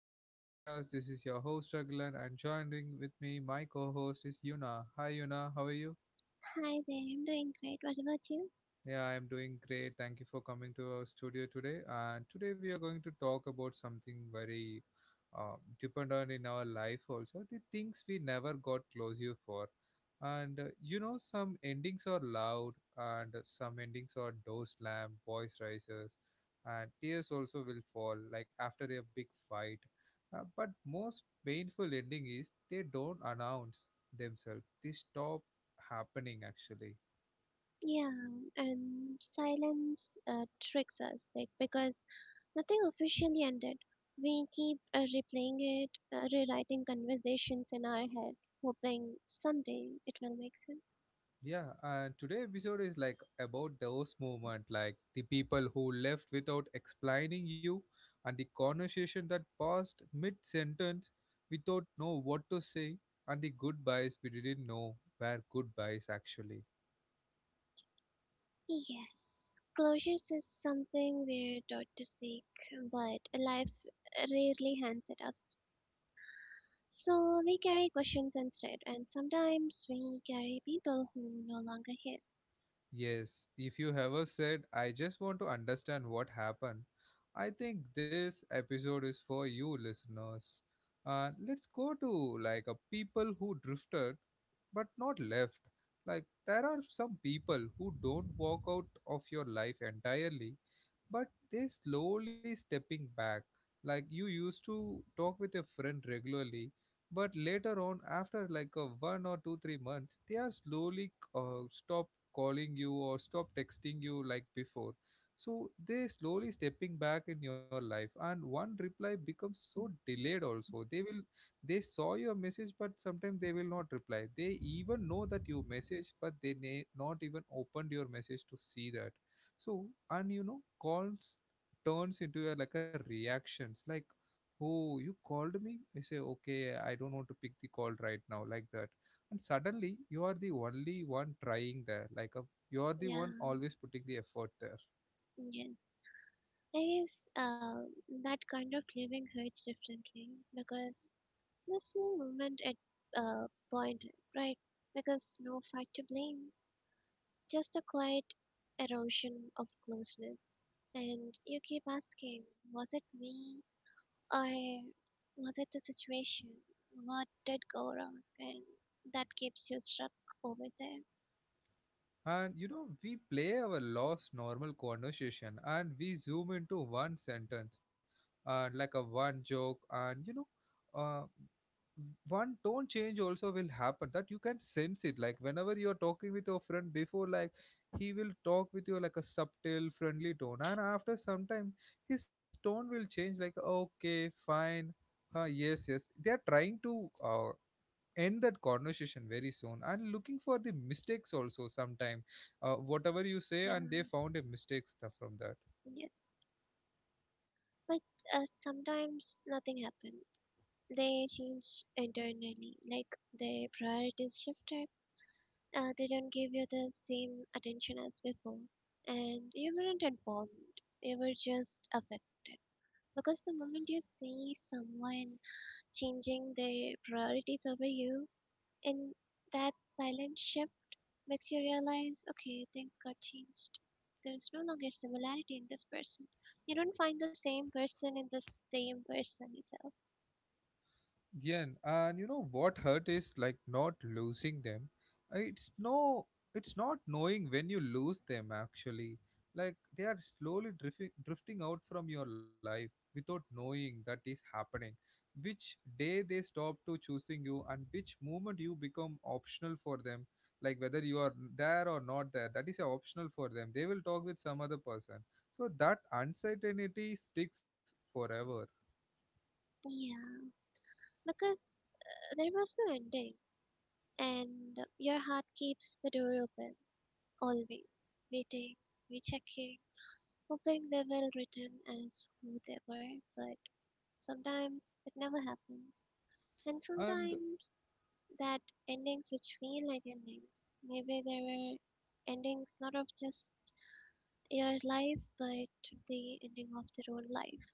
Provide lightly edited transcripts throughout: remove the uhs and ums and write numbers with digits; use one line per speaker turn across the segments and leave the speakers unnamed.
of my podcast. This is your host Raglan and joining with me my co-host is Yuna. Hi Yuna, how are you?
Hi there, I'm doing great. What about you?
Yeah, I'm doing great. Thank you for coming to our studio today. And today we are going to talk about something very dependent in our life also, the things we never got closure for. And some endings are loud, and some endings are door slam, voice rises, and tears also will fall like after a big fight. But most painful ending is they don't announce themselves. They stop happening actually.
Yeah, and silence tricks us, like because nothing officially ended. We keep replaying it, rewriting conversations in our head, hoping someday it will make sense.
Yeah, and today episode is like about those moment, like the people who left without explaining you, and the conversation that passed mid sentence without know what to say, and the goodbyes we didn't know were goodbyes actually.
Yes, closure is something we're taught to seek, but life rarely hands it us. So we carry questions instead, and sometimes we carry people who no longer here.
Yes, if you ever said, I just want to understand what happened, I think this episode is for you listeners. Let's go to like a people who drifted but not left. Like there are some people who don't walk out of your life entirely but they slowly stepping back. Like you used to talk with your friend regularly, but later on, after like a 1 or 2, 3 months, they are slowly stop calling you or stop texting you like before. So they slowly stepping back in your life, and one reply becomes so delayed. Also, they saw your message, but sometimes they will not reply. They even know that you messaged, but they may not even opened your message to see that. So, and calls turns into a, like a reactions, like, oh, you called me, I say okay, I don't want to pick the call right now, like that. And suddenly you are the only one trying there, like a, you are the
Yeah,
one always putting the effort there.
yes. I guess that kind of living hurts differently because there's no movement at uh, point, right? Because no fight to blame, just a quiet erosion of closeness. And you keep asking, was it me or was it the situation? What did go wrong? And that keeps you stuck over there.
And we play our lost normal conversation and we zoom into one sentence and like a one joke, and uh, one tone change also will happen that you can sense it, like whenever you're talking with your friend before, like he will talk with you like a subtle friendly tone, and after some time his tone will change, like okay, fine. Yes, yes, they are trying to end that conversation very soon, and looking for the mistakes also sometime, whatever you say
Yeah,
and they found a mistake stuff from that.
yes. But sometimes nothing happened. They change internally, like their priorities shifted. They don't give you the same attention as before, and you weren't informed. You were just affected. Because the moment you see someone changing their priorities over you, in that silent shift makes you realize, okay, things got changed. There's no longer similarity in this person. You don't find the same person in the same person itself.
Yeah, and you know what hurt is, like not losing them. Uh, It's no, it's not knowing when you lose them actually. Like they are slowly drifting, drifting out from your life without knowing that is happening. Which day they stop to choosing you, and which moment you become optional for them. Like whether you are there or not there, that is optional for them. They will talk with some other person. So that uncertainty sticks forever.
Yeah, because there was no ending, and your heart keeps the door open, always, waiting, rechecking, hoping they will return as who they were, but sometimes it never happens. And
And
sometimes that endings which feel like endings, maybe there were endings not of just your life, but the ending of their own life.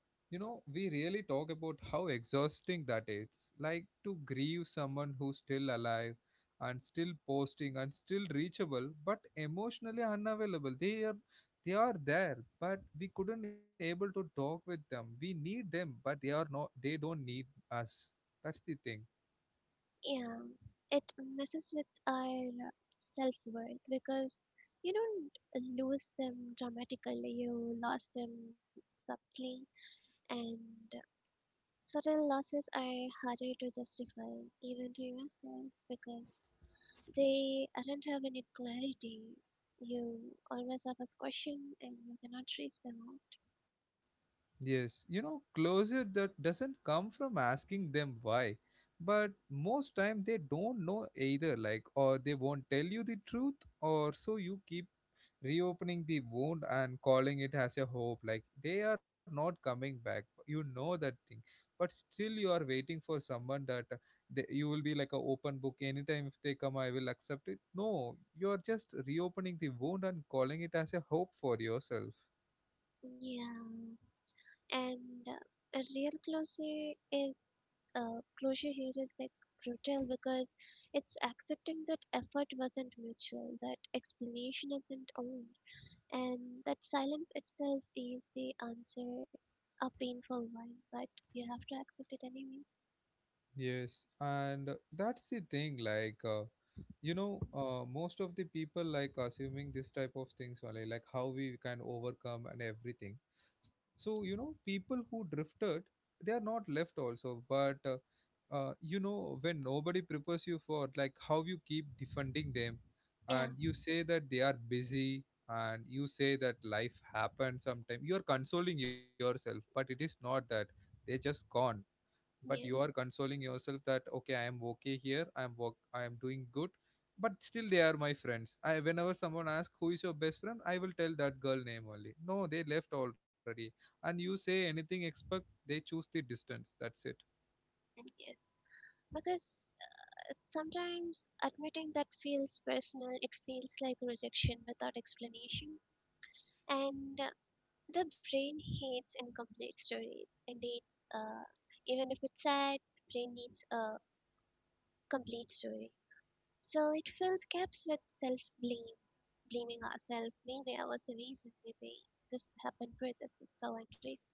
you know, we really talk about how exhausting that is. Like to grieve someone who's still alive and still posting and still reachable, but emotionally unavailable. They are there, but we couldn't able to talk with them. We need them, but they are not they don't need us. That's the thing.
Yeah, it messes with our self worth because you don't lose them dramatically, you lost them subtly, and subtle losses are harder to justify, even to yourself, because they do not have any clarity. You always have a question and you cannot trace them out.
Yes. Closure that doesn't come from asking them why. But most time they don't know either, like, or they won't tell you the truth, or so you keep reopening the wound and calling it as a hope, like they are not coming back, you know that thing, but still you are waiting for someone that you will be like a open book anytime if they come, I will accept it. No, you are just reopening the wound and calling it as a hope for yourself.
Yeah. And a real closure is closure here is like brutal because it's accepting that effort wasn't mutual, that explanation isn't owned, and that silence itself is the answer, a painful one, but you have to accept it anyways.
Yes, and that's the thing. Like, most of the people like assuming this type of things only, like how we can overcome and everything. So, people who drifted, they are not left also. But when nobody prepares you for like how you keep defending them,
Yeah,
and you say that they are busy, and you say that life happens sometime. You are consoling yourself, but it is not that. They just gone, but you are
yes,
consoling yourself that okay, I am okay here, I am work, I am doing good, but still they are my friends. I Whenever someone asks who is your best friend, I will tell that girl name only. No, they left already, and you say anything, expect they choose the distance, that's it.
and yes. Because sometimes admitting that feels personal, it feels like rejection without explanation. And the brain hates incomplete stories. Indeed, uh, even if it's sad, brain needs a complete story. So it fills gaps with self-blame, blaming ourselves. Maybe I was the reason. Maybe this happened for this. It's so unreasonable.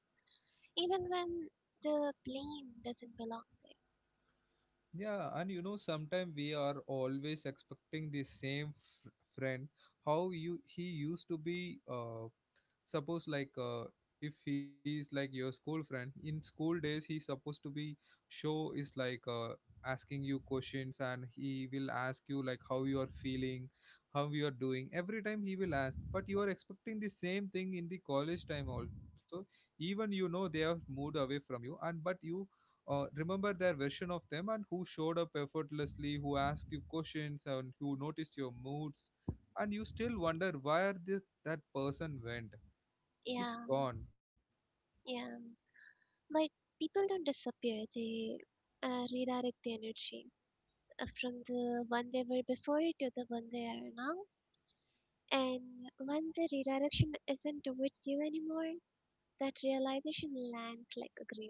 Even when the blame doesn't belong there.
Yeah, and you know sometimes we are always expecting the same friend, how you he used to be. Suppose, like, if he is like your school friend in school days, he's supposed to be, show is like, asking you questions, and he will ask you like how you are feeling, how you are doing, every time he will ask. But you are expecting the same thing in the college time also. Even you know they have moved away from you, and but you remember their version of them, and who showed up effortlessly, who asked you questions, and who noticed your moods, and you still wonder where that person went. It's
Yeah,
gone.
yeah. But people don't disappear. They redirect the energy from the one they were before to the one they are now. And when the redirection isn't towards you anymore, that realization lands like a grave,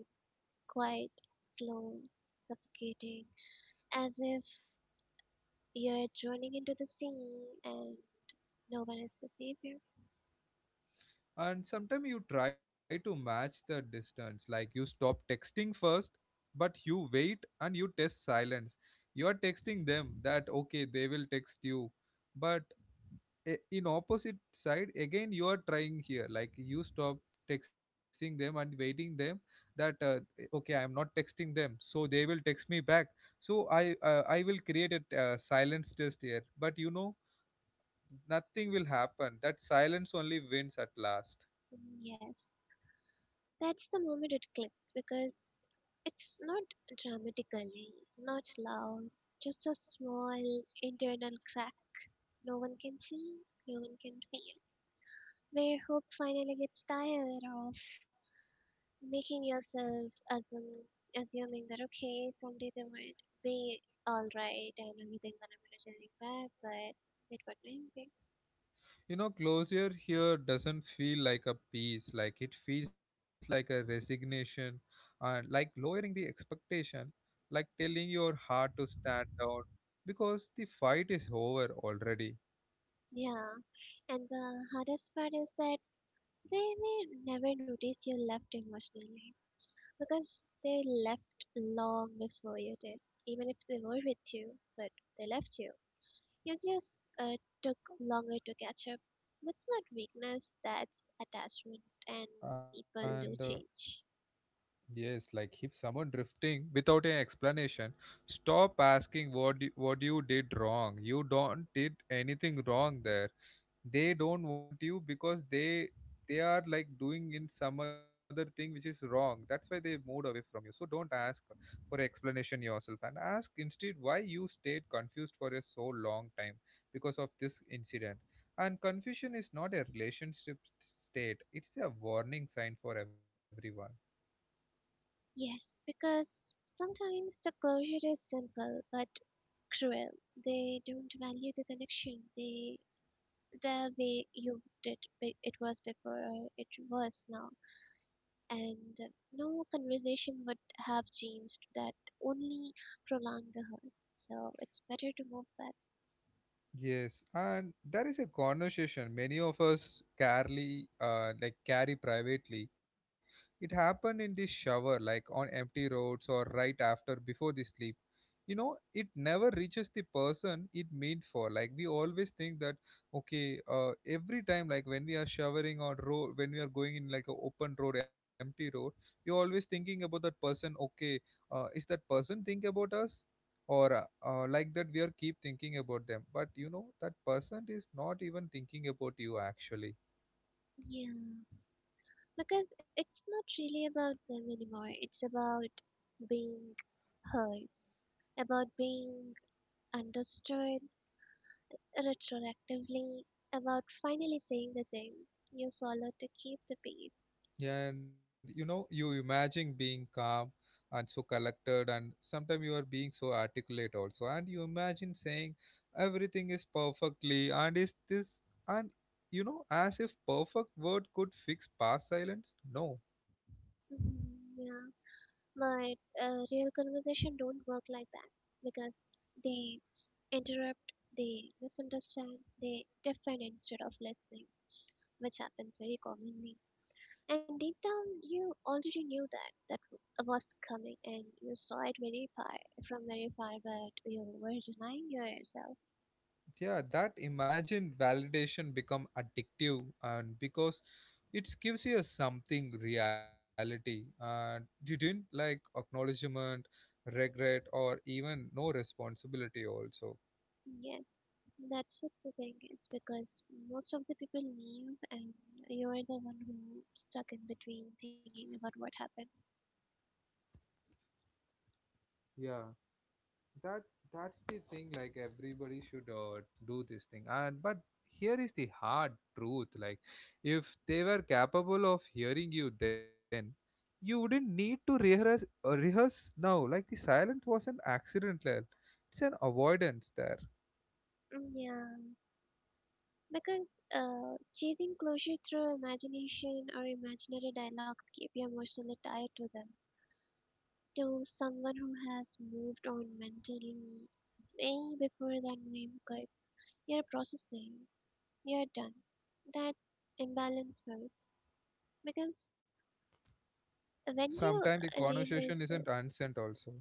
quiet, slow, suffocating, as if you're drowning into the sea and no one is to save you.
And sometimes you try to match the distance, like you stop texting first, but you wait and you test silence. You are texting them that okay, they will text you, but in opposite side again you are trying here, like you stop texting them and waiting them that okay, I am not texting them, so they will text me back. So I will create a silence test here. But nothing will happen, that silence only wins at last.
Mm, yes, that's the moment it clicks because it's not dramatically, not loud, just a small internal crack no one can see, no one can feel, where hope finally gets tired of making yourself assuming that okay someday they would be all right and everything gonna be returning back, but it would not be. Okay.
Closure here doesn't feel like a peace, like it feels like a resignation, and like lowering the expectation, like telling your heart to stand down because the fight is over already.
Yeah, and the hardest part is that they may never notice you left emotionally because they left long before you did. Even if they were with you, but they left you, you just took longer to catch up. That's not weakness, that's attachment, and
And
people
uh,
do change.
yes, like if someone drifting without an explanation, stop asking what you did wrong. You don't did anything wrong there. They don't want you because they are like doing in some other thing which is wrong. That's why they moved away from you. So don't ask for explanation yourself, and ask instead why you stayed confused for a so long time because of this incident. And confusion is not a relationship state. It's a warning sign for everyone.
Yes, because sometimes the closure is simple but cruel. They don't value the connection. They the way you it was before or it was now, and no conversation would have changed that. Only prolong the hurt. So it's better to move back.
Yes, and there is a conversation many of us carry, like carry privately. It happened in the shower, like on empty roads or right after before the sleep. It never reaches the person it meant for. Like we always think that okay, every time, like when we are showering, on road, when we are going in like a open road, empty road, you're always thinking about that person, okay, is that person think about us, or like that, we are keep thinking about them. But you know that person is not even thinking about you actually.
Yeah, because it's not really about them anymore. It's about being heard, about being understood, retroactively about finally saying the thing you swallowed to keep the peace.
Yeah, and you imagine being calm and so collected, and sometimes you are being so articulate also. And you imagine saying everything is perfectly, and and as if perfect word could fix past silence? No.
Mhm, yeah, but real conversation don't work like that because they interrupt, they misunderstand, they defend instead of listening, which happens very commonly. And deep down, you already knew that was coming, and you saw it very far from very far, but you were denying yourself.
Yeah, that imagine validation become addictive, and because it gives you something reality, and you didn't like acknowledgement, regret, or even no responsibility also.
Yes, that's what the thing is because most of the people leave and you're the one who stuck in between thinking about what happened.
Yeah, that that's the thing. Like everybody should do this thing, and but here is the hard truth. Like, if they were capable of hearing you, then you wouldn't need to rehearse now. Like the silence was an accidental. It's an avoidance there.
Mm, yeah, because chasing closure through imagination or imaginary dialogues keep you emotionally tied to them. To someone who has moved on mentally way before that wave cut, you're processing, you're done. That imbalance hurts because when
Sometimes
you
the conversation
rehearse
isn't
this,
unsent also.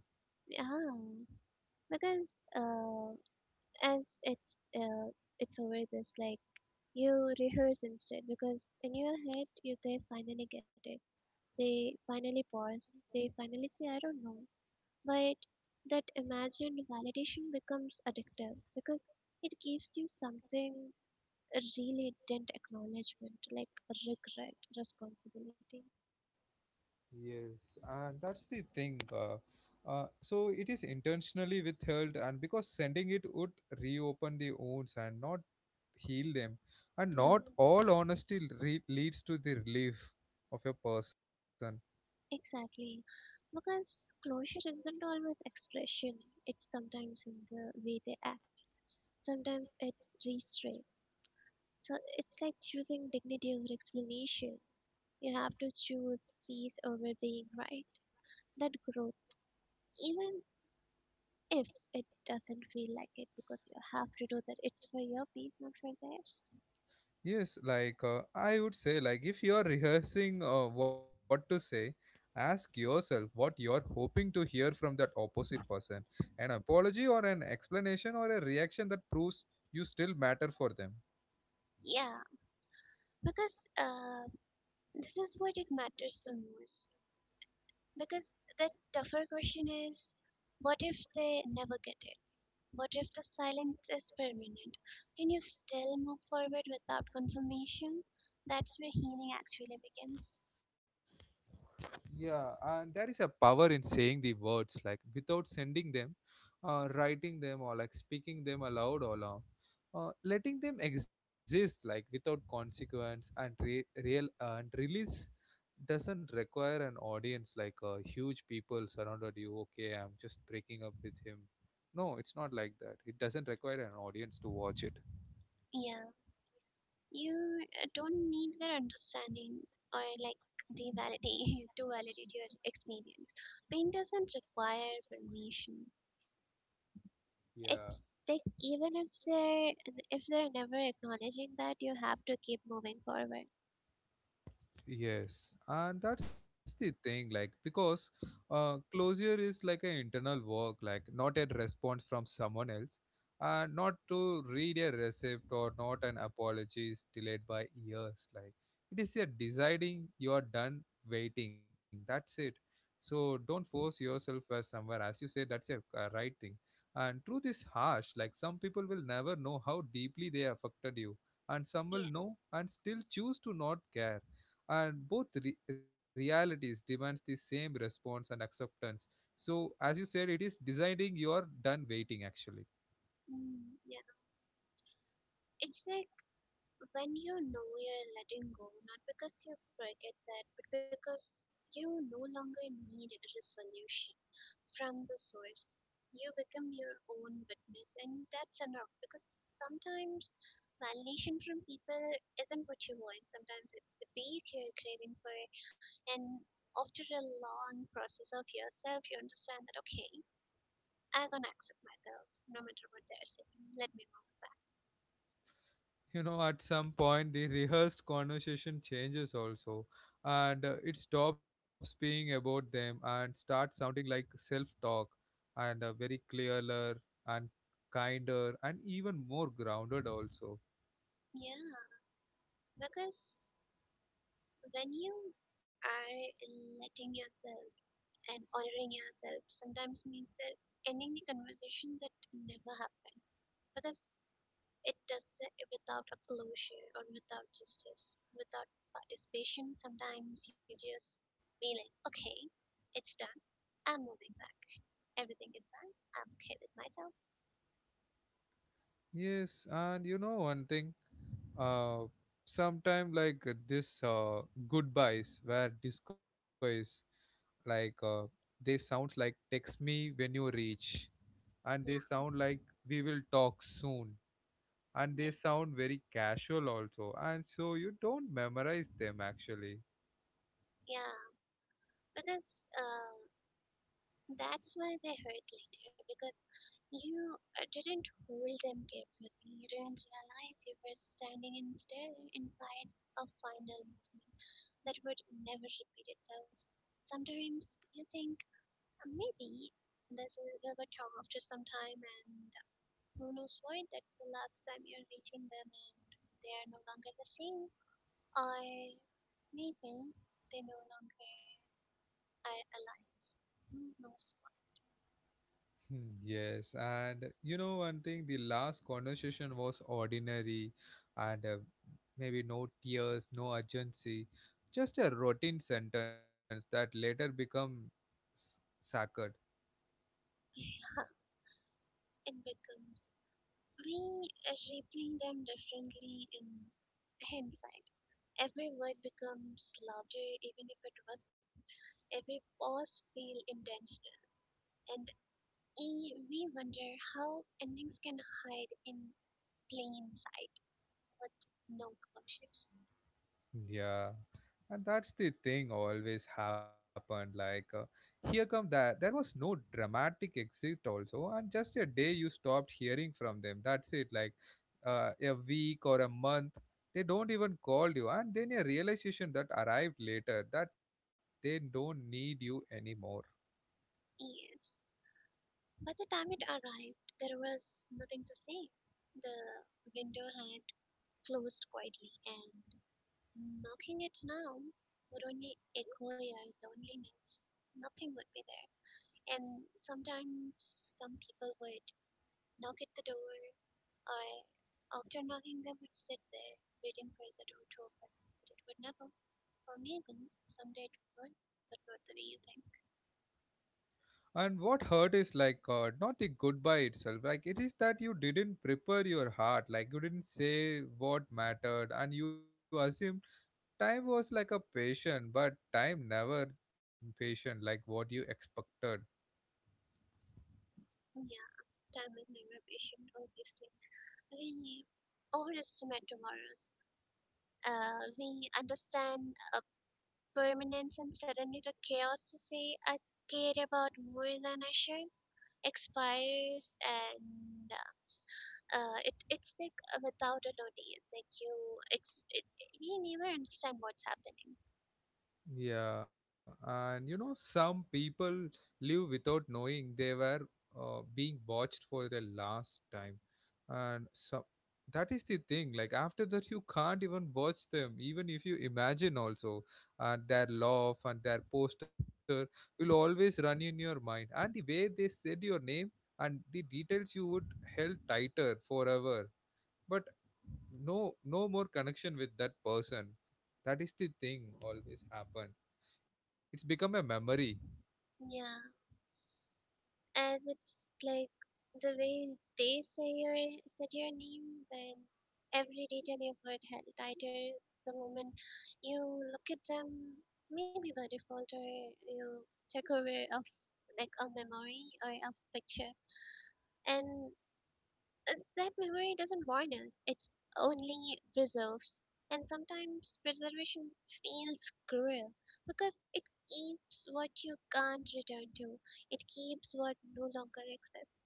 yeah. Because uh, as it's always this like you rehearse instead because in your head you they finally get it, they finally pause, they finally say I don't know, but that imagined validation becomes addictive because it gives you something, a really didn't acknowledgement like regret responsibility.
Yes, and that's the thing. So it is intentionally withheld, and because sending it would reopen the wounds and not heal them. And
Yeah
not all honesty leads to the relief of a person.
exactly because closure isn't always expression, it's sometimes in the way they act. Sometimes it's restraint. So it's like choosing dignity over explanation. You have to choose peace over being right. That growth, even if it doesn't feel like it, because you have to do that. It's for your peace, not for theirs.
Yes, like I would say, like if you are rehearsing what to say, ask yourself what you're hoping to hear from that opposite person. An apology or an explanation or a reaction that proves you still matter for them.
Yeah, because this is what it matters the most. Because the tougher question is, what if they never get it? What if the silence is permanent? Can you still move forward without confirmation? That's where healing actually begins.
Yeah, and there is a power in saying the words like without sending them, writing them, or like speaking them aloud or loud, letting them exist like without consequence, and real and release doesn't require an audience, like huge people surrounded you. Okay, I'm just breaking up with him. No, it's not like that. It doesn't require an audience to watch it.
Yeah, you don't need their understanding or like they validate to validate your experience. Pain doesn't require permission.
Yeah.
It's like even if they're never acknowledging that, you have to keep moving forward.
Yes, and that's the thing, like because closure is like an internal work, like not a response from someone else, and not to read a receipt or not an apology is delayed by years. Like it is a deciding you are done waiting. That's it. So don't force yourself somewhere. As you said, that's a right thing. And truth is harsh. Like some people will never know how deeply they affected you, and some will know
Yes.
and still choose to not care, and realities demands the same response and acceptance. So as you said, it is deciding you're done waiting actually.
Mm, yeah. It's like when you know you're letting go, not because you forget that, but because you no longer need a resolution from the source, you become your own witness, and that's enough because sometimes validation from people isn't what you want, sometimes it's the peace you're craving for, and after a long process of yourself, you understand that okay, I'm gonna accept myself no matter what they're saying, let me know.
You know, at some point the rehearsed conversation changes also, and it stops being about them and starts sounding like self talk, and very clearer and kinder and even more grounded also.
Yeah, because when you are letting yourself and honoring yourself sometimes means that ending the conversation that never happened because it does it without a closure or without justice without participation, sometimes you just be like okay, it's done, I'm moving back, everything is done, I'm okay with myself.
Yes, and you know one thing, uh, sometime like this goodbyes where disco is like they sounds like text me when you reach, and they
Yeah,
sound like we will talk soon, and they
yes,
sound very casual also, and so you don't memorize them actually.
yeah. Because uh that's why they hurt later because you didn't hold them carefully. You didn't realize you were standing in still inside a final moment that would never repeat itself. Sometimes you think, maybe this is we were talked for some time, and who knows what? That's the last time you're reaching them, and they are no longer the same, or maybe they no longer are alive. Who knows
Hmm. Yes, and you know one thing, the last conversation was ordinary and maybe no tears, no urgency, just a routine sentence that later become s- sacred.
what?" It becomes, we replay them differently in hindsight. Every word becomes louder, even if it wasn't. Every pause feels intentional, and we wonder how endings can hide in plain sight with no closures.
Yeah. And that's the thing always happened like here come that there was no dramatic exit also, and just a day you stopped hearing from them. That's it. Like a week or a month, they don't even call you, and then a realization that arrived later that they don't need you anymore.
Yes. By the time it arrived, there was nothing to say. The window had closed quietly, and knocking it now would only echo your loneliness. Nothing would be there. And sometimes some people would knock at the door, or after knocking, they would sit there waiting for the door to open. But it would never, or maybe someday it would, but not the way you think.
And what hurt is like not the goodbye itself, like it is that you didn't prepare your heart, like you didn't say what mattered, and you assume time was like a patient, but time never patient like what you expected.
Mm, yeah, time is never patient, obviously. We overestimate tomorrows. We understand permanence and suddenly the chaos to say I care about more than I should expires and it it's like without a notice like it's it, we never understand what's happening.
Yeah, and you know, some people live without knowing they were being watched for the last time, and so that is the thing. Like after that, you can't even watch them, even if you imagine also, and their laugh and their poster will always run in your mind, and the way they said your name and the details you would held tighter forever, but no no more connection with that person. That is the thing always happen. It's become a memory.
Yeah, and it's like the way they say your said your name, then every detail you've heard had titles the moment you look at them, maybe by default, or you take over of like a memory or a picture. And that memory doesn't void us, it's only preserves, and sometimes preservation feels cruel because it keeps what you can't return to, it keeps what no longer exists,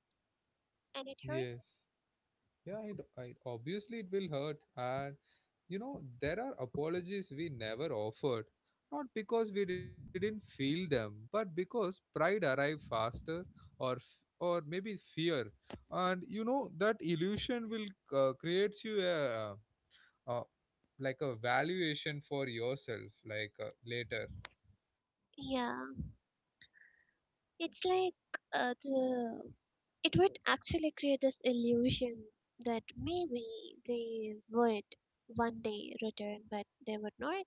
and it hurts.
Yes. Yeah, I obviously it will hurt. And you know, there are apologies we never offered, not because we didn't feel them, but because pride arrived faster, or f- or maybe fear. And you know that illusion will creates you a like a valuation for yourself like later.
Yeah, it's like the it would actually create this illusion that maybe they would one day return, but they would not.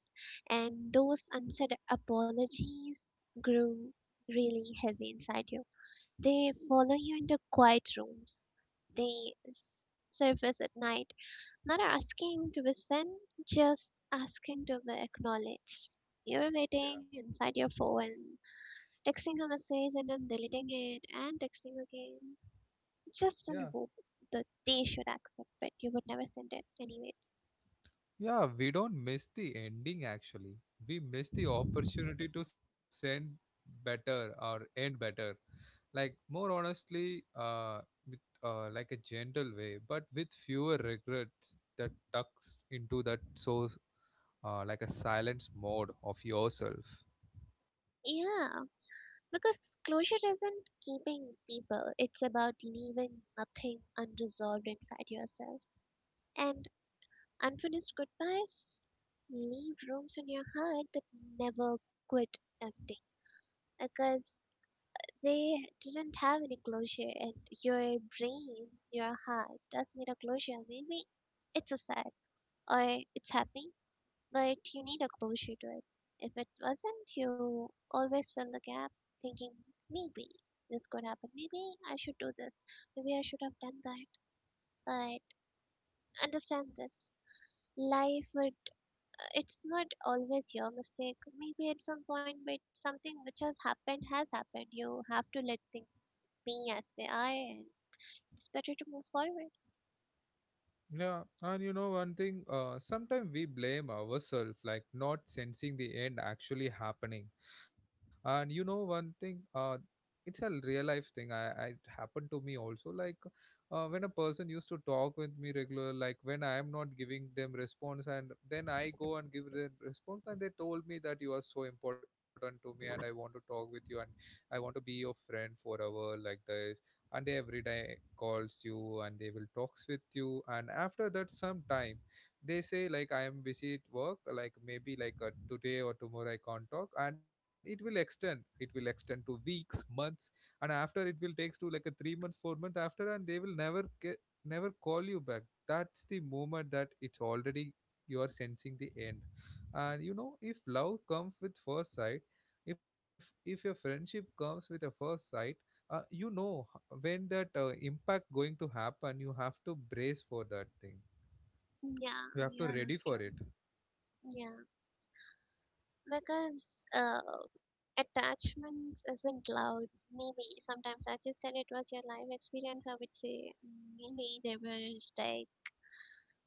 And those unsaid apologies grew really heavy inside you. They follow you into quiet rooms. They surface at night, not asking to be seen, just asking to be acknowledged. You're
Yeah.
waiting inside your phone, texting a message and then deleting it and texting again just on
Yeah.
hope that they should accept it. You would never send it anyways.
Yeah, we don't miss the ending actually. We miss the opportunity to send better or end better. Like more honestly, with like a gentle way, but with fewer regrets that tucks into that, so like a silence mode of yourself.
Yeah, because closure isn't keeping people, it's about leaving nothing unresolved inside yourself. And unfinished goodbyes leave rooms in your heart that never quit empty because they didn't have any closure, and your brain, your heart does need a closure. Maybe it's a sad or it's happy, but you need a closure to it. If it wasn't, you always fill the gap thinking, maybe this could happen. Maybe I should do this. Maybe I should have done that. But understand this. Life would, it's not always your mistake. Maybe at some point, but something which has happened has happened. You have to let things be as they are, and it's better to move forward.
Yeah, and you know one thing, sometimes we blame ourselves like not sensing the end actually happening. And you know one thing, it's a real life thing. I it happened to me also. Like when a person used to talk with me regular, like when I am not giving them response, and then I go and give them response, and they told me that you are so important to me, and I want to talk with you, and I want to be your friend forever, like this, and every day calls you and they will talks with you. And after that, some time they say like I am busy at work, like maybe like today or tomorrow I can't talk. And it will extend, it will extend to weeks, months. And after, it will takes to like a 3 months 4 months after, and they will never get, never call you back. That's the moment that it's already you are sensing the end. And you know, if love comes with first sight, if if your friendship comes with a first sight, you know, when that impact going to happen, you have to brace for that thing.
Yeah,
You have to
yeah,
ready for
after.
it.
Yeah. Because attachments isn't loud. Maybe sometimes, as you said, it was your life experience. I would say maybe they were like,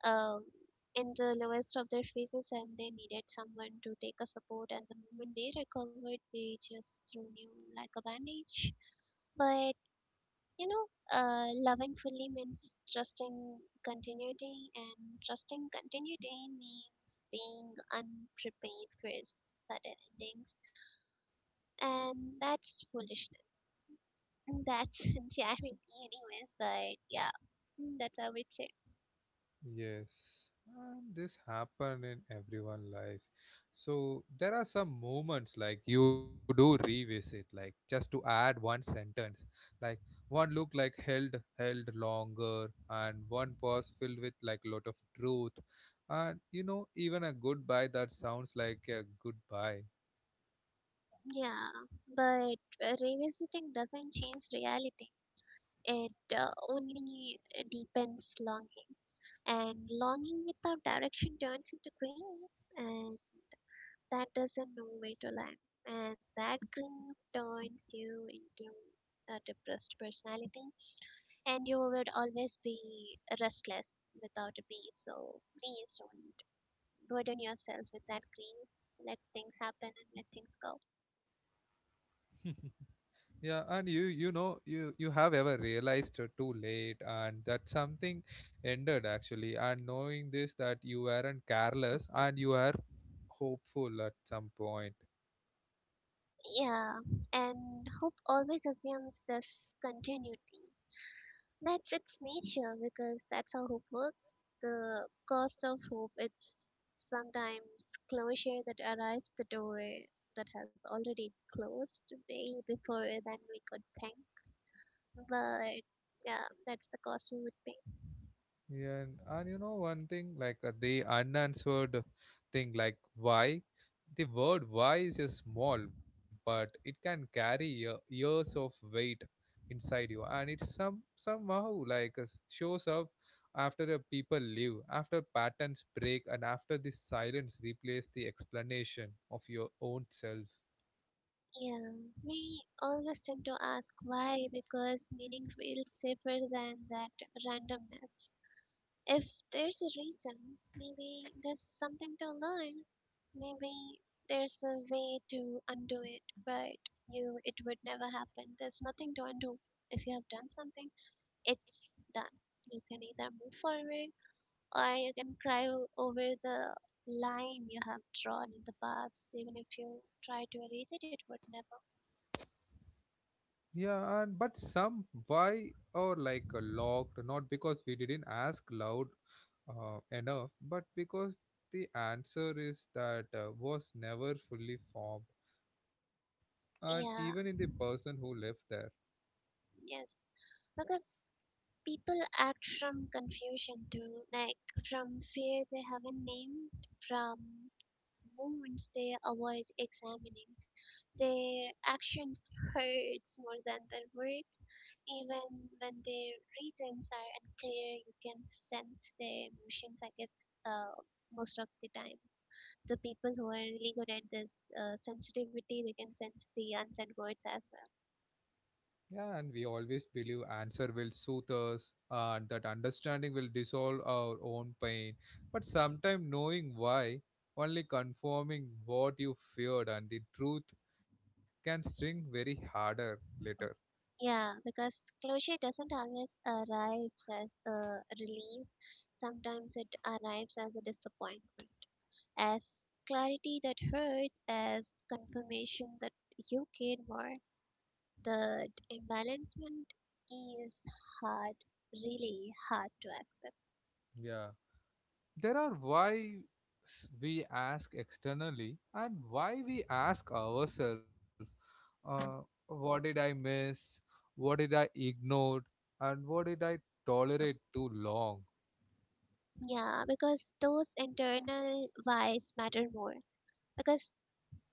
um, in the lowest of their phases, and they needed someone to take a support. And the moment they recovered, they just threw you like a bandage. But you know, loving fully means trusting continuity, and trusting continuity means being unprepared for sudden endings, and that's foolishness. That's jarring, anyways. But yeah, mm, that's how it's say.
Yes, and this happen in everyone lives. So there are some moments like you do revisit, like just to add one sentence, like one look like held longer, and one pause filled with like lot of truth. And you know, even a goodbye that sounds like a goodbye.
Yeah, but revisiting doesn't change reality. It only deepens longing, and longing without direction turns into grief, and that doesn't know where to land. And that grief turns you into a depressed personality, and you would always be restless without a peace. So please don't burden yourself with that green. Let things happen and let things go.
Yeah, and you know you have ever realized too late, and that something ended actually, and knowing this that you weren't careless and you are hopeful at some point.
Yeah, and hope always assumes this continuity. That's its nature because that's how hope works. The cost of hope, it's sometimes closure that arrives the door that has already closed way before than we could think. But yeah, that's the cost we would pay.
Yeah, and you know one thing, like the unanswered thing, like why? The word why is a small, but it can carry years of weight inside you, and it somehow like uh, shows up after the people leave, after patterns break, and after the silence replace the explanation of your own self.
Yeah, we always tend to ask why because meaning feels safer than that randomness. If there's a reason, maybe there's something to learn, maybe there's a way to undo it, but you, it would never happen. There's nothing to undo. If you have done something, it's done. You can either move forward or you can cry over the line you have drawn in the past. Even if you try to erase it, it would never.
Yeah, and but some why are like locked, not because we didn't ask loud enough, but because the answer is that was never fully formed, and even in the
Yeah.
person who lived there.
Yes, because people act from confusion too, like from fear they haven't named, from wounds they avoid examining. Their actions hurts more than their words. Even when their reasons are unclear, you can sense their emotions, I guess, uh, most of the time. The people who are really good at this sensitivity, they can sense the unsaid words as well.
Yeah, and we always believe answer will soothe us, and that understanding will dissolve our own pain. But sometimes knowing why, only confirming what you feared, and the truth can sting very harder later.
Yeah, because closure doesn't always arrive as a relief. Sometimes it arrives as a disappointment, as clarity that hurts, as confirmation that you care more. The imbalancement is hard, really hard to accept.
Yeah. There are why we ask externally and why we ask ourselves, uh, what did I miss? What did I ignore? And what did I tolerate too long?
Yeah, because those internal whys matter more. Because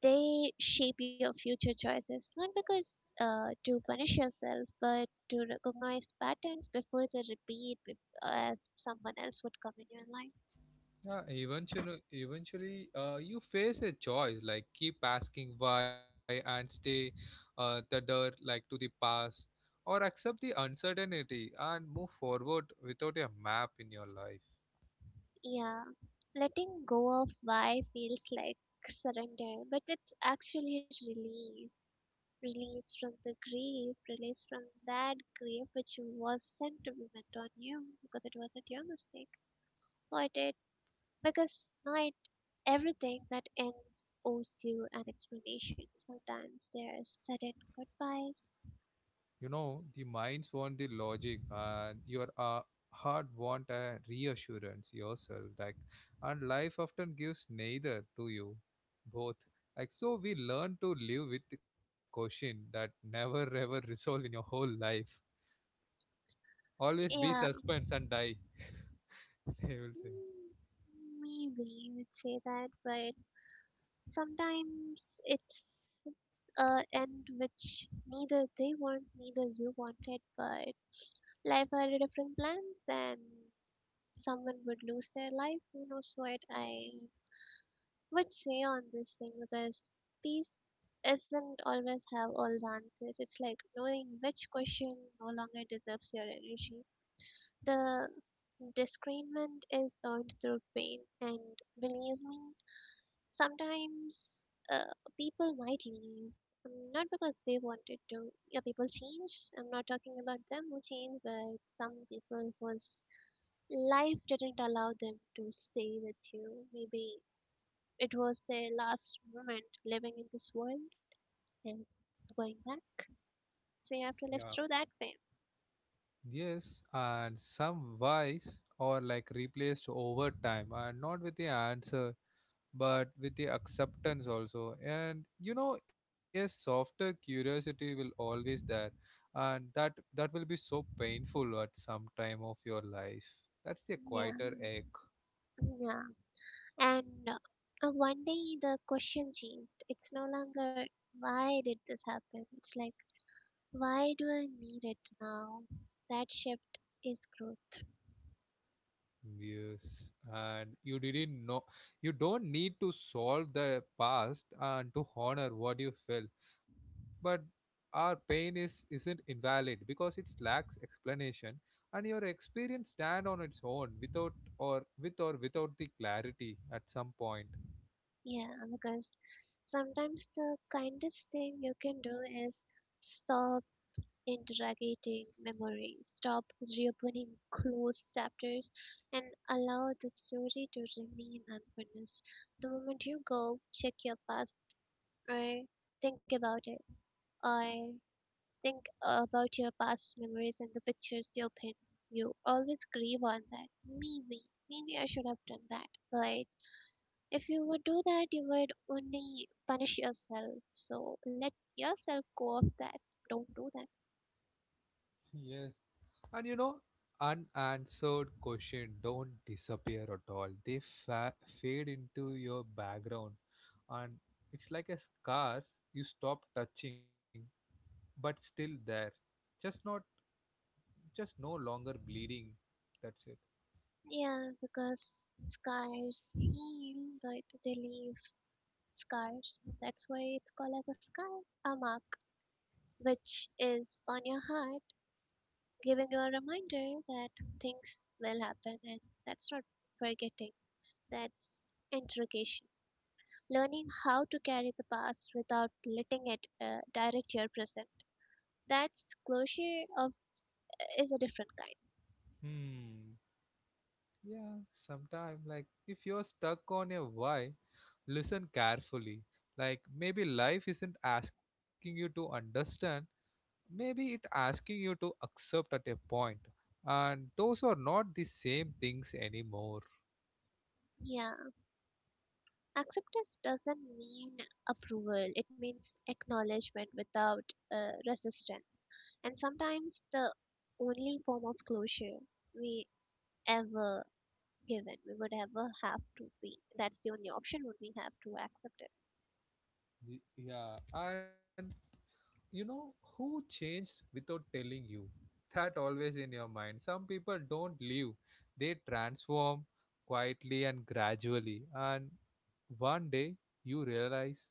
they shape your future choices, not because to punish yourself, but to recognize patterns before they repeat as someone else would come in your life.
Yeah, eventually, you face a choice like keep asking why and stay tethered like to the past, or accept the uncertainty and move forward without a map in your life.
Yeah. Letting go of why feels like surrender, but it's actually release. Release from the grief, release from that grief which was sent to be meant on you because it wasn't your mistake. But it, because not everything that ends owes you an explanation. Sometimes there are sudden goodbyes.
You know, the minds want the logic, and your heart want a reassurance yourself. Like, and life often gives neither to you, both. Like, so we learn to live with the question that never ever resolve in your whole life. Always be
Yeah.
suspense and die. They will say,
Mm, maybe you would say that, but sometimes it's a end which neither they want, neither you wanted, but life had different plans and someone would lose their life. Who knows what? I would say on this thing because peace isn't always have all the answers. It's like knowing which question no longer deserves your energy. The disagreement is earned through pain, and believe me, sometimes people might leave. Not because they wanted to. Yeah, people change. I'm not talking about them who change, but some people whose life didn't allow them to stay with you. Maybe it was a last moment living in this world and going back. So you have to
yeah.
live through that pain.
Yes, and some wise or like replaced over time, and not with the answer but with the acceptance also. And you know, a softer curiosity will always there, and that will be so painful at some time of your life. That's the
Yeah,
quieter ache.
yeah. And one day the question changed. It's no longer, why did this happen? It's like, why do I need it now? That shift is growth.
Yes, and you didn't know. You don't need to solve the past and to honor what you felt, but our pain is isn't invalid because it lacks explanation, and your experience stand on its own without or with or without the clarity at some point.
Yeah, because sometimes the kindest thing you can do is stop interrogating memory, stop reopening closed chapters, and allow the story to remain unfinished. The moment you go, check your past, or think about it, or think about your past memories and the pictures you pin. You always grieve on that. Maybe, maybe I should have done that. But if you would do that, you would only punish yourself. So let yourself go of that. Don't do that.
Yes. And you know, unanswered questions don't disappear at all. They fa- fade into your background. And it's like a scars you stop touching, but still there. Just not, just no longer bleeding. That's it.
Yeah, because scars heal, but they leave scars. That's why it's called as a scar, a mark, which is on your heart, giving you a reminder that things will happen, and that's not forgetting. That's interrogation. Learning how to carry the past without letting it direct your present. That's closure of is a different kind.
Hmm. Yeah, sometime like if you're stuck on a why, listen carefully. Like maybe life isn't asking you to understand, maybe it asking you to accept at a point, and those are not the same things anymore.
Yeah. Acceptance doesn't mean approval, it means acknowledgement without resistance. And sometimes the only form of closure we ever given, we would ever have to be. That's the only option would we have to accept it.
Yeah, and you know who changed without telling you, that always in your mind, some people don't leave, they transform quietly and gradually, and one day you realize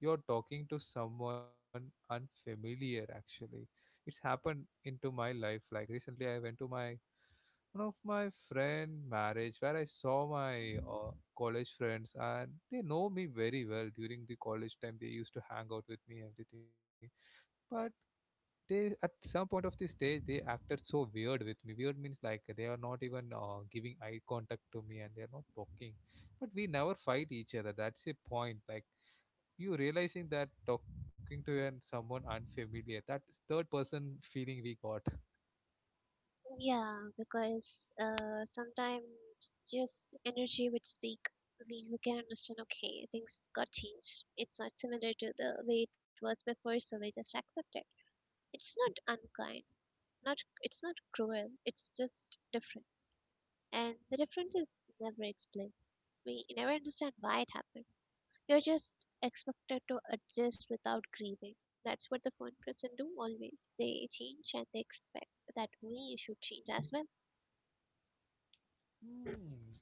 you're talking to someone unfamiliar actually. It's happened into my life, like recently I went to my one of my friend marriage, where I saw my
Mhm.
college friends, and they know me very well during the college time, they used to hang out with me everything. But they at some point of the stage they acted so weird with me. Weird means like they are not even giving eye contact to me, and they are not talking, but we never fight each other. That's a point, like you realizing that talking to someone unfamiliar, that third person feeling we got.
Yeah, because sometimes just energy would speak. We can understand, okay, things got changed. It's not similar to the way it was before, so we just accept it. It's not unkind, Not it's not cruel, it's just different. And the difference is never explained. We never understand why it happened. You're just expected to adjust without grieving. That's what the phone person do always. They change and they expect that we should change as well.
Hmm,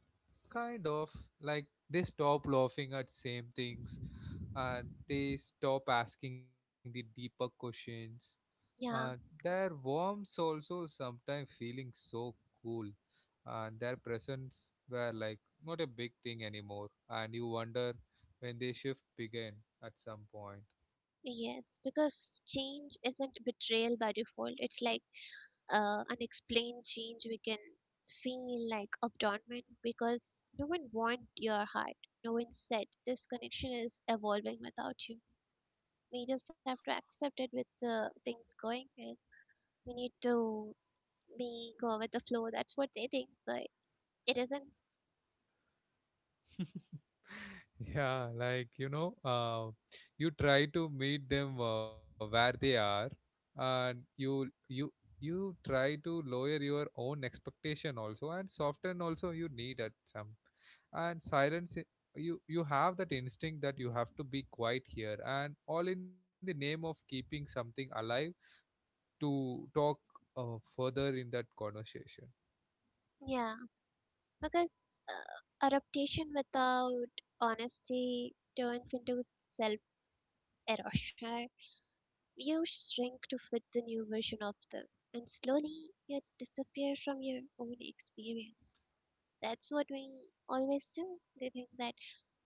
kind of like they stop laughing at same things and they stop asking the deeper questions. Uh,
Yeah,
their warmth also sometimes feeling so cool, and their presence were like not a big thing anymore. And you wonder when they shift began at some point.
yes, because change isn't betrayal by default. It's like unexplained change, we can feel like abandonment because no one want your heart. No one said this connection is evolving without you. We just have to accept it with the things going and we need to be go with the flow. That's what they think, but it isn't.
Yeah, like you know, you try to meet them where they are, and you try to lower your own expectation also, and soften also you need at some, and silence. You have that instinct that you have to be quiet here, and all in the name of keeping something alive to talk further in that conversation.
Yeah, because adaptation without honesty turns into self erosion. You shrink to fit the new version of them, and slowly you disappear from your own experience. That's what we always do. They think that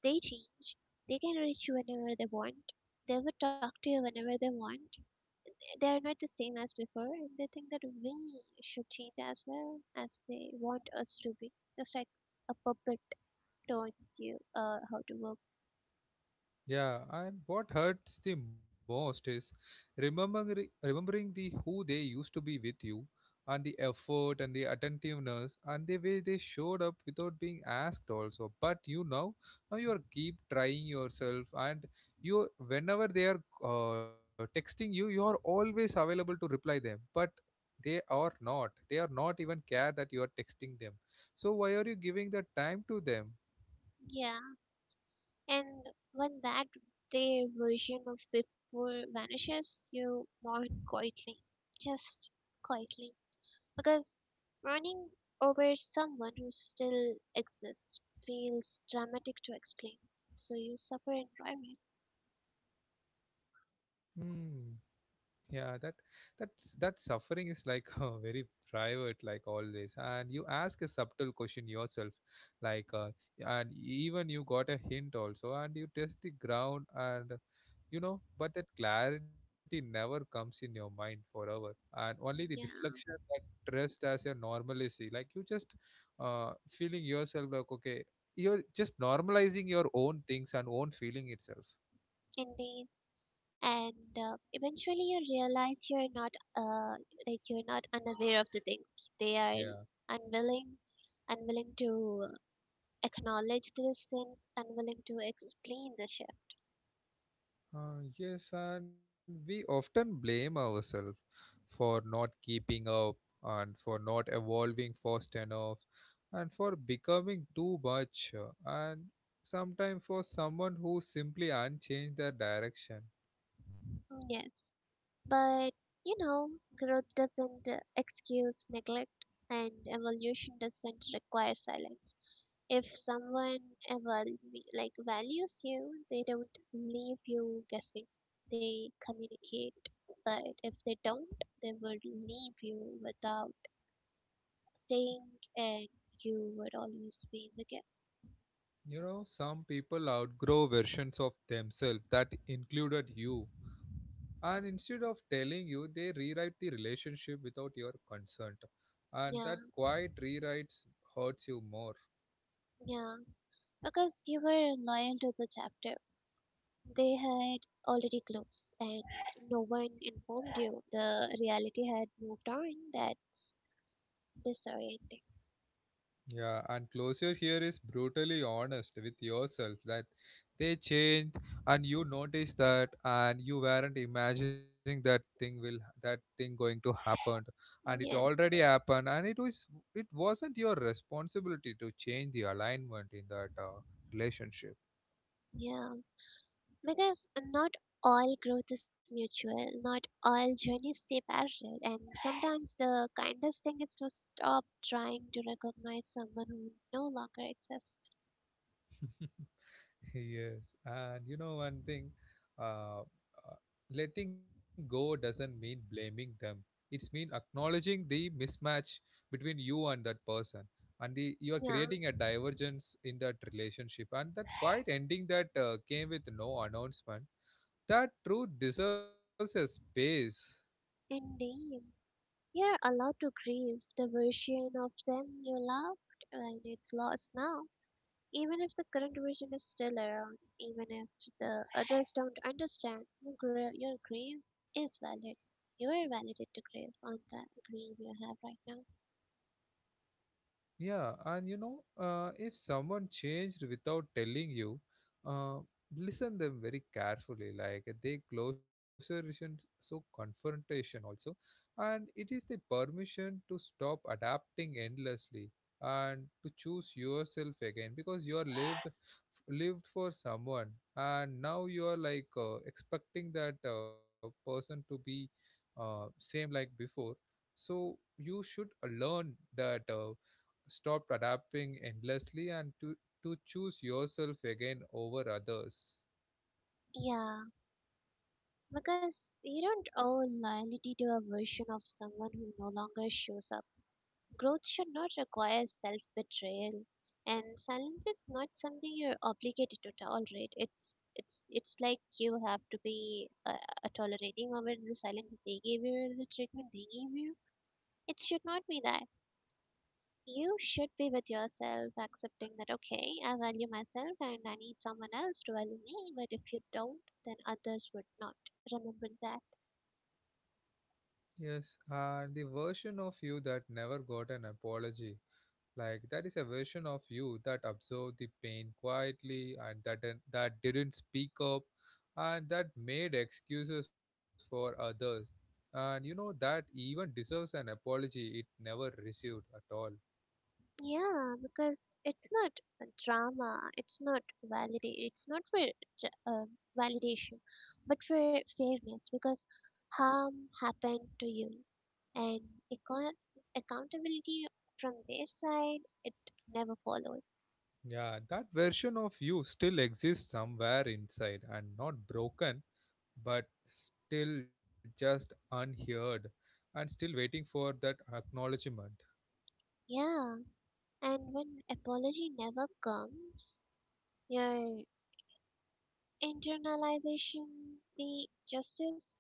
they change, they can reach you whenever they want, they will talk to you whenever they want. They are not the same as before, and they think that we should change as well as they want us to be. Just like a puppet turns you how to work.
Yeah, and what hurts the most is remembering the who they used to be with you, and the effort and the attentiveness and the way they showed up without being asked also. But you know, now you are keep trying yourself, and you whenever they are texting you, you are always available to reply them. But they are not. They are not even care that you are texting them. So why are you giving the time to them?
Yeah. And when that day version of before vanishes, you mourn quietly. Just quietly. Because mourning over someone who still exists feels dramatic to explain. So you suffer in private.
Hmm. Yeah, that that suffering is like very private, like always, and you ask a subtle question yourself, like and even you got a hint also, and you test the ground and you know, but that clarity never comes in your mind forever, and only the
Mm.
deflection
Yeah,
that dressed as your normalcy, like you just feeling yourself like okay, you're just normalizing your own things and own feeling itself.
indeed. And eventually you realize you're not, uh, like, you're not unaware of the things. They are
Yeah.
unwilling, unwilling to acknowledge their sins and willing to explain the shift.
Yes, and we often blame ourselves for not keeping up, and for not evolving fast enough, and for becoming too much and sometimes for someone who simply unchanged their direction.
Mm. Yes, but you know, growth doesn't excuse neglect, and evolution doesn't require silence. If someone ever like values you, they don't leave you guessing. They communicate, but if they don't, they would leave you without saying, and you would always be the guess.
You know, some people outgrow versions of themselves that included you, and instead of telling you, they rewrite the relationship without your consent, and
Yeah,
that quiet rewrites hurts you more.
yeah, because you were loyal to the chapter they had already closed, and no one informed you. The reality had moved on. That's disorienting.
Yeah, and closure here is brutally honest with yourself that they changed and you noticed that, and you weren't imagining that thing, will that thing going to happen, and it
Yes,
already happened, and it wasn't your responsibility to change the alignment in that relationship.
yeah. Because not all growth is mutual, not all journeys stay parallel, and sometimes the kindest thing is to stop trying to recognize someone who no longer exists.
Yes, and you know one thing, uh, uh, letting go doesn't mean blaming them. It's mean acknowledging the mismatch between you and that person, and the you are
Yeah,
creating a divergence in that relationship, and that quiet ending that came with no announcement. That truth deserves a space.
indeed. You're allowed to grieve the version of them you loved, and it's lost now. Even if the current version is still around, even if the others don't understand, your, your grief is valid. You are validated to grieve on that grief you have right now.
Yeah, and you know, if someone changed without telling you, uh, listen them very carefully. Like they closer isn't so confrontation also, and it is the permission to stop adapting endlessly and to choose yourself again, because you are lived for someone, and now you are like expecting that person to be same like before. So you should learn that. Stop adapting endlessly, and to choose yourself again over others.
Yeah, because you don't owe loyalty to a version of someone who no longer shows up. Growth should not require self betrayal. And silence is not something you're obligated to tolerate. It's like you have to be tolerating over the silence they gave you, or the treatment they gave you. It should not be that. You should be with yourself, accepting that, okay, I value myself and I need someone else to value me, but if you don't, then others would not. Remember that.
Yes, and the version of you that never got an apology. Like that is a version of you that absorbed the pain quietly, and that that didn't speak up, and that made excuses for others. And you know that even deserves an apology it never received at all.
Yeah, because it's not a drama, it's not validate, it's not for j- uh, validation, but for fairness, because harm happened to you, and account- accountability from their side, it never followed.
Yeah, that version of you still exists somewhere inside, and not broken but still just unheard, and still waiting for that acknowledgement.
Yeah. And when apology never comes, your internalization, the justice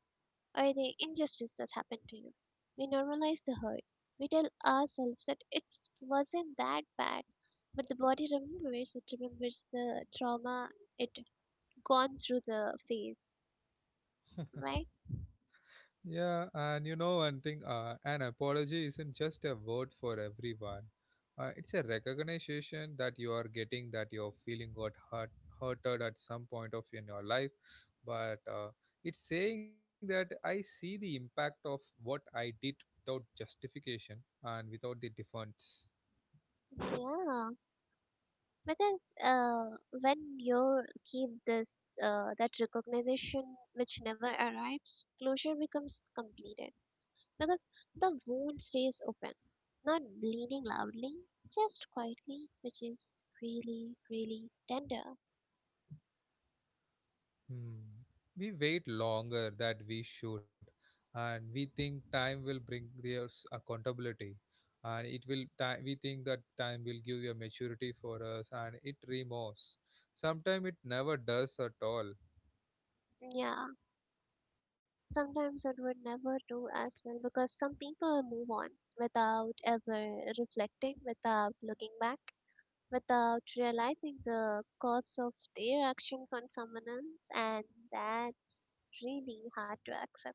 or the injustice that's happened to you. We normalize the hurt. We tell ourselves that it wasn't that bad, but the body remembers. It remembers the trauma it gone through the phase, right?
Yeah, and you know one thing, an apology isn't just a word for everyone. It's a recognition that you are getting that your feeling got hurt, hurted at some point of in your life, but it's saying that I see the impact of what I did without justification and without the defense.
Yeah, because when you keep this that recognition which never arrives, closure becomes completed because the wound stays open, not bleeding loudly, just quietly, which is really, really tender.
Hmm. We wait longer than we should, and we think time will bring their accountability, and it will time, we think that time will give you a maturity for us, and it removes. Sometimes it never does at all.
Yeah, sometimes it would never do as well because some people move on without ever reflecting, without looking back, without realizing the cost of their actions on someone else, and that's really hard to accept.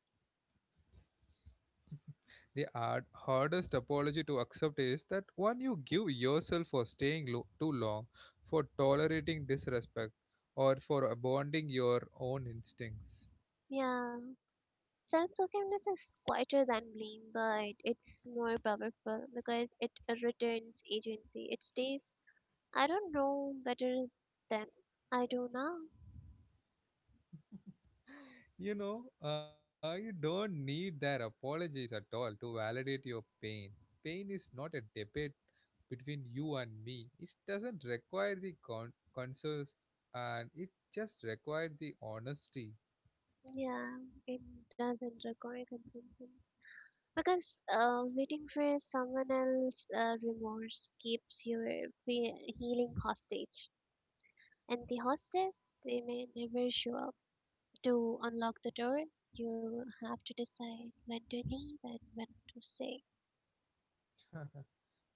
The hardest apology to accept is that one you give yourself, for staying too long, for tolerating disrespect, or for abandoning your own instincts.
Yeah. Self forgiveness is quieter than blame, but it's more powerful because it returns agency. It stays, I don't know better than I do now.
You know, you don't need their apologies at all to validate your pain. Pain is not a debate between you and me. It doesn't require the consensus, and it just requires the honesty.
Yeah, it doesn't require convenience. Because waiting for someone else's remorse keeps your fe- healing hostage. And the hostage, they may never show up. To unlock the door, you have to decide when to leave and when to stay.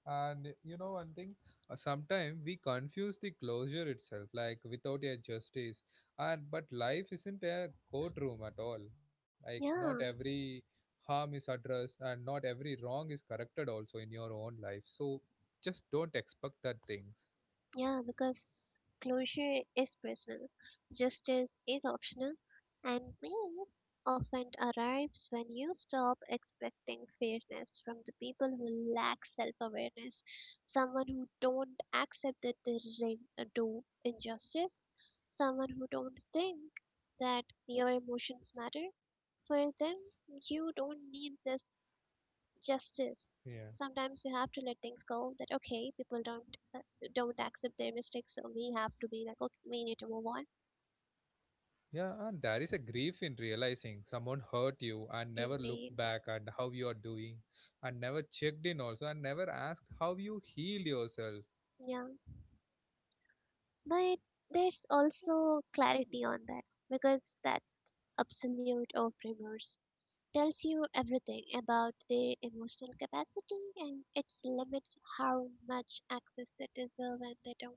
And you know one thing, sometimes we confuse the closure itself, like without a justice. And but life isn't a courtroom at all. Like not
Yeah,
every harm is addressed, and not every wrong is corrected also in your own life. So just don't expect that things.
Yeah, because closure is personal, justice is optional, and peace often arrives when you stop expecting fairness from the people who lack self-awareness, someone who don't accept that they do injustice, someone who don't think that your emotions matter. For them, you don't need this justice.
Yeah.
Sometimes you have to let things go. That okay, people don't accept their mistakes, so we have to be like, okay, we need to move on.
Yeah, and there is a grief in realizing someone hurt you and never
Indeed,
looked back at how you are doing, and never checked in also, and never asked how you heal yourself.
yeah. But there's also clarity on that because that absolute of remorse tells you everything about the emotional capacity and its limits, how much access they deserve and they don't.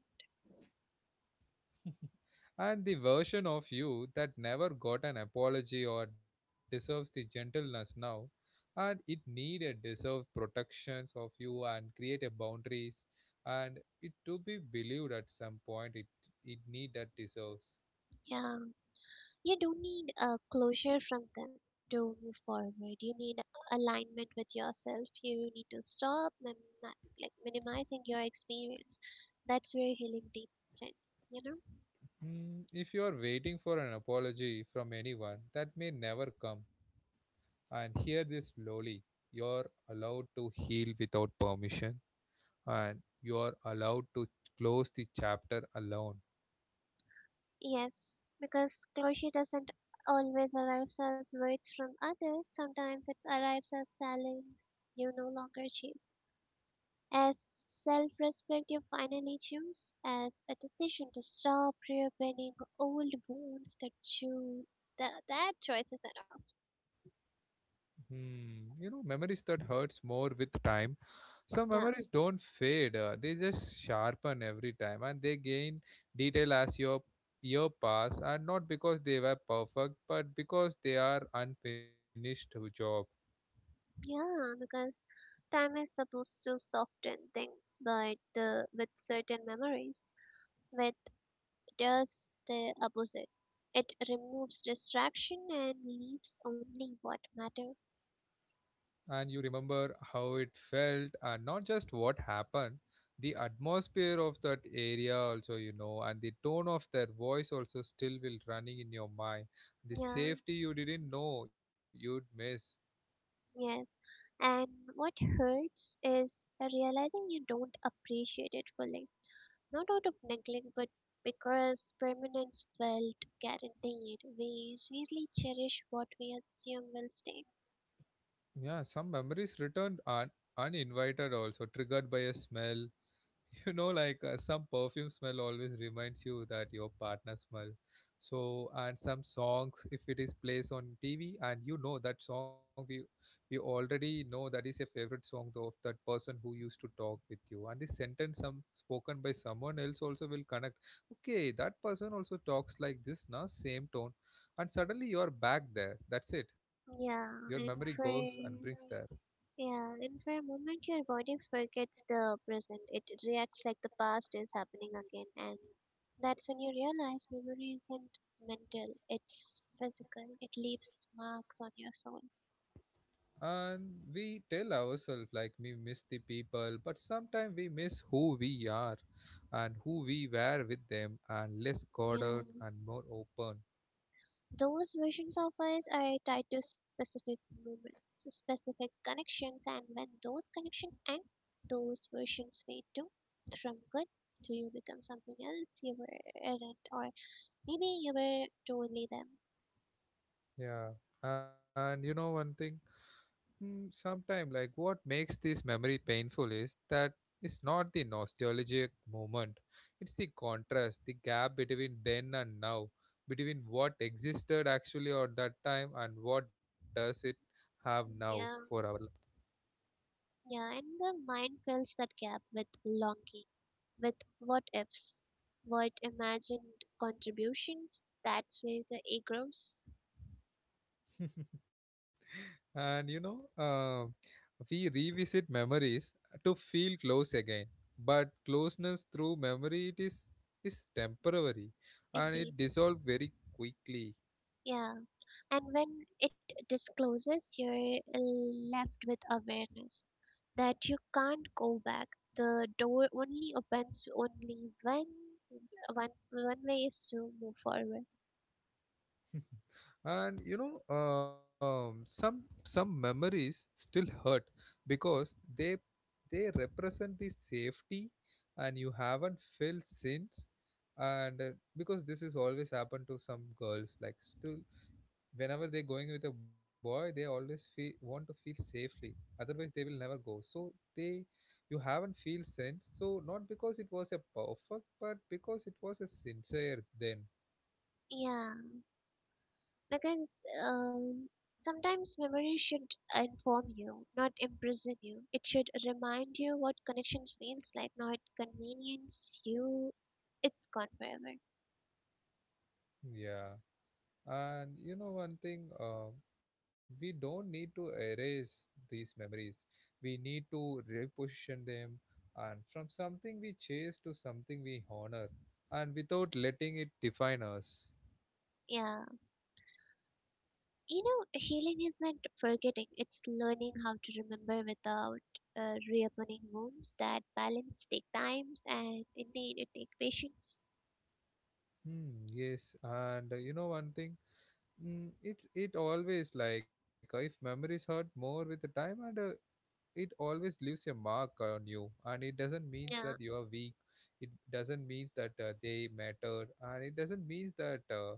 And the version of you that never got an apology or deserves the gentleness now, and it needed deserve protections of you and create a boundaries, and it to be believed at some point, it need that deserves.
Yeah. You don't need a closure from them to move forward, right? You need alignment with yourself. You need to stop like minimizing your experience. That's where healing deepens,
Mm, if you are waiting for an apology from anyone, that may never come. And hear this slowly. You're allowed to heal without permission, and you're allowed to close the chapter alone.
Yes, because closure doesn't always arrives as words from others. Sometimes it arrives as silence you no longer chase. As self respect, you finally choose as a decision to stop reopening old wounds that you that that choice is enough.
Hmm, you know, memories that hurts more with time. Some
Yeah,
memories don't fade, they just sharpen every time, and they gain detail as your year pass, and not because they were perfect but because they are unfinished job.
yeah, because time is supposed to soften things, but the with certain memories, with does the opposite. It removes distraction and leaves only what matter.
And you remember how it felt, and not just what happened, the atmosphere of that area also, you know, and the tone of their voice also still will running in your mind, the
Yeah,
safety you didn't know you'd miss.
yes. And what hurts is realizing you don't appreciate it fully not out of neglect but because permanence felt guaranteed, we really cherish what we assume will stay.
Yeah, some memories returned un uninvited also, triggered by a smell, you know, like some perfume smell always reminds you that your partner smell. So, and some songs, if it is plays on tv, and you know that song, we already know that is a favorite song though of that person who used to talk with you, and the sentence some spoken by someone else also will connect, okay, that person also talks like this na, same tone, and suddenly you're back there, that's it, your
Yeah,
memory
and
goes
for
and brings
yeah,
there.
and for a moment your body forgets the present. It reacts like the past is happening again, and that's when you realize memory isn't mental; it's physical. It leaves marks on your soul.
And we tell ourselves like we miss the people, but sometimes we miss who we are and who we were with them, and less
Yeah.
guarded and more open.
Those versions of us are tied to specific moments, specific connections, and when those connections end, those versions fade too. From good to you become something else you were errant, or maybe you were totally them.
Yeah. And you know one thing? Mm, sometime, like what makes this memory painful is that it's not the nostalgic moment, it's the contrast, the gap between then and now, between what existed actually at that time and what does it have now for
Yeah,
our
yeah, and the mind fills that gap with longing, with what ifs, what imagined contributions. That's where the egg grows.
life. And you know we revisit memories to feel close again, but closeness through memory, it is temporary, and it
Indeed.
dissolves very quickly.
Yeah. And when it discloses, you're left with awareness that you can't go back. The door only opens only when one way is to move forward.
And you know some memories still hurt because they they represent the safety and you haven't felt since, and because this is always happened to some girls, like still whenever they're going with a boy, they always feel want to feel safely, otherwise they will never go. So they, you haven't feel sense, so not because it was a perfect but because it was a sincere, then
Yeah, because sometimes memory should inform you, not imprison you. It should remind you what connection feels like, not convenience you. It's gone forever.
yeah. And you know one thing, we don't need to erase these memories. We need to reposition them, and from something we chase to something we honor, and without letting it define us.
Yeah. You know, healing isn't forgetting, it's learning how to remember without reopening wounds. That balance take time and indeed it take patience.
Hmm, yes, and you know one thing, mm, it's it always like if memories hurt more with the time, and it always leaves a mark on you, and it doesn't means
Yeah,
that you are weak. It doesn't mean that they matter, and it doesn't mean that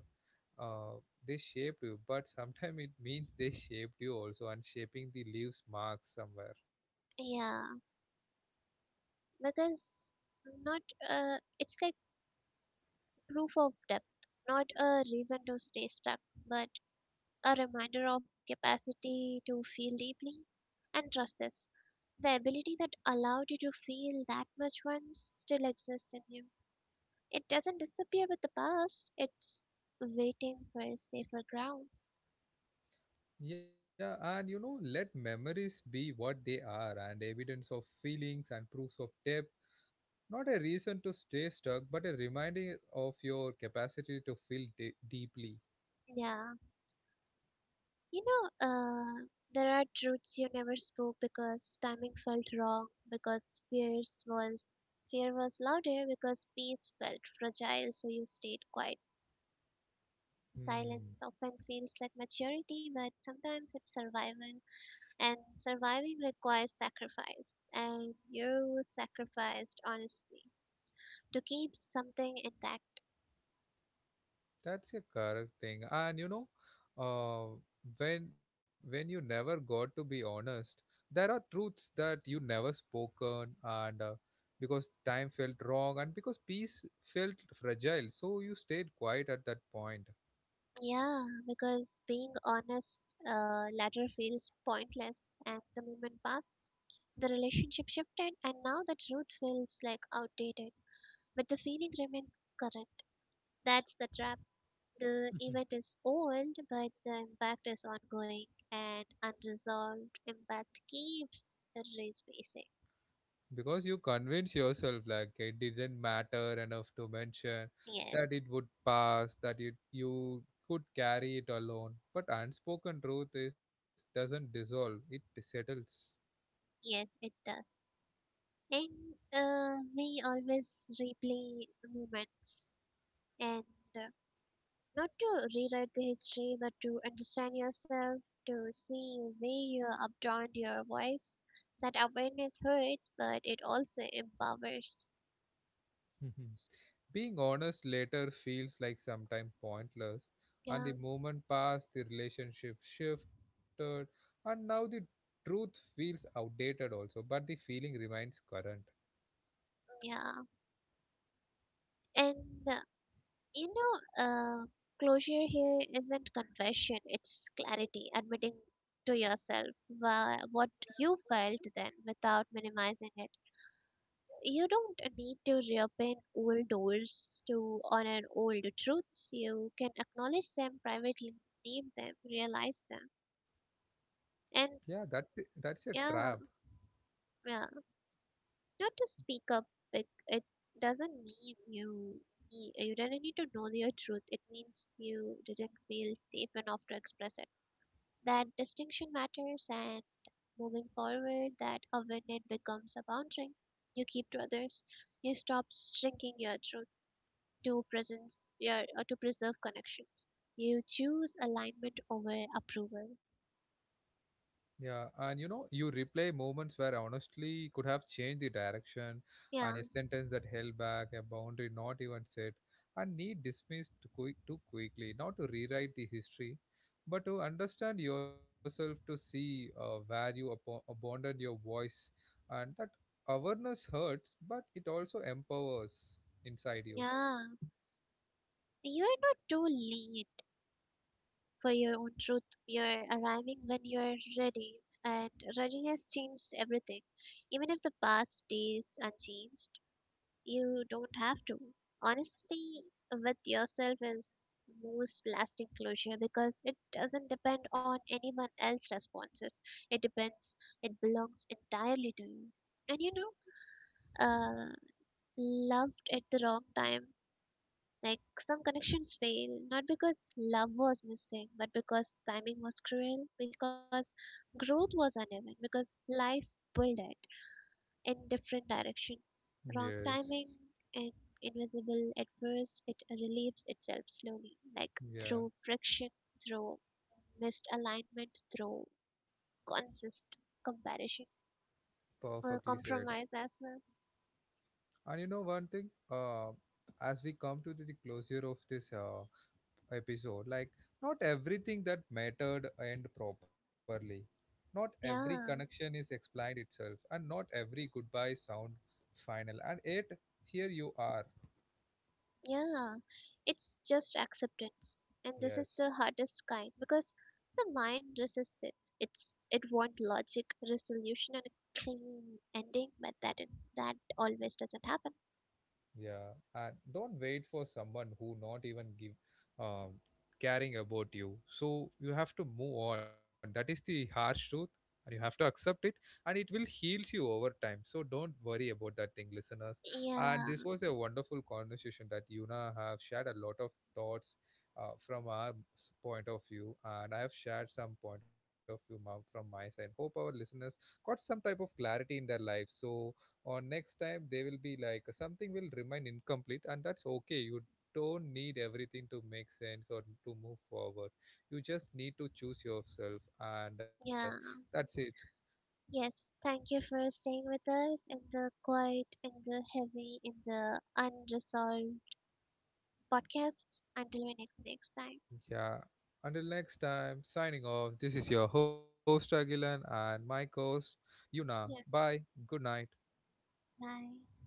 uh, they shaped you, but sometimes it means they shaped you also, and shaping the leaves marks somewhere.
yeah, because not it's like proof of depth, not a reason to stay stuck, but a reminder of capacity to feel deeply and trust this. The ability that allowed you to feel that much once still exists in you. It doesn't disappear with the bus. It's waiting for a safer ground.
Yeah, and you know, let memories be what they are, and evidence of feelings and proofs of depth, not a reason to stay stuck, but a reminder of your capacity to feel deeply.
Yeah. You know, there are truths you never spoke because timing felt wrong, because fear was louder, because peace felt fragile, so you stayed quiet.
Hmm.
Silence often feels like maturity, but sometimes it's survival, and surviving requires sacrifice, and you sacrificed honestly to keep something intact.
That's a correct thing. And you know, uh, when when you never got to be honest, there are truths that you never spoken, and because time felt wrong, and because peace felt fragile, so you stayed quiet at that point.
Yeah, because being honest later feels pointless, and the moment passed. The relationship shifted, and now the truth feels like outdated, but the feeling remains current. That's the trap. The event is old, but the impact is ongoing, and unresolved impact keeps resurfacing.
Because you convince yourself like it didn't matter enough to mention,
Yes,
that it would pass, that it you could carry it alone, but unspoken truth is doesn't dissolve, it settles.
yes, it does. And we always replay moments and uh, not to rewrite the history, but to understand yourself, to see where you upturned your voice. That awareness hurts, but it also empowers.
Being honest later feels like sometimes pointless, and the
Yeah,
moment passed, the relationship shifted, and now the truth feels outdated also, but the feeling remains current.
yeah. And uh, you know, uh, closure here isn't confession, it's clarity, admitting to yourself what you felt then without minimizing it. You don't need to reopen old doors to honor old truths. You can acknowledge them privately, name them, realize them.
Yeah,
And
that's a trap.
yeah, yeah, not to speak up, it doesn't mean you you didn't need to know your truth. It means you didn't feel safe enough to express it. That distinction matters, and moving forward, that awareness becomes a boundary you keep to others. You stop shrinking your truth to presence yeah, to preserve connections. You choose alignment over approval.
Yeah, and you know, you replay moments where honestly could have changed the direction, and a
Yeah,
sentence that held back, a boundary not even set, and need dismissed too, quick, too quickly, not to rewrite the history, but to understand yourself, to see where you abandoned your voice, and that awareness hurts, but it also empowers inside you.
yeah. You are not too late for your own truth. You're arriving when you're ready, and readiness changes everything. Even if the past stays unchanged, you don't have to. Honesty with yourself is most lasting closure because it doesn't depend on anyone else's responses. It depends, it belongs entirely to you. And know, uh, loved at the wrong time. Like some connections fail, not because love was missing, but because timing was cruel, because growth was uneven, because life pulled it in different directions. Wrong
Yes.
timing and invisible at first, it relieves itself slowly, like
Yeah,
through friction, through misalignment, through consist comparison
perfectly
or
said.
compromise as well.
And you know one thing, as we come to the closure of this episode, like not everything that mattered end properly. Not every
Yeah,
connection is explained itself, and not every goodbye sound final. And yet, here you are.
yeah, it's just acceptance, and this is
Yes.
the hardest kind because the mind resists it. It wants logic, resolution, and a clean ending, but that always doesn't happen.
Yeah, and don't wait for someone who not even give um, caring about you. So you have to move on. That is the harsh truth, and you have to accept it, and it will heals you over time. So don't worry about that thing, listeners. And
Yeah,
this was a wonderful conversation that Yuna have shared a lot of thoughts from our point of view, and I have shared some point of view, ma'am, from my side. Hope our listeners got some type of clarity in their life. So or next time they will be like something will remain incomplete, and that's okay, you don't need everything to make sense or to move forward, you just need to choose yourself and
Yeah,
that's it.
yes. Thank you for staying with us in the quiet, in the heavy, in the unresolved podcast. Until we next time.
Yeah, until next time, signing off, this is your host Agilan and my co-host Yuna.
Yeah,
Bye. Good night.
bye.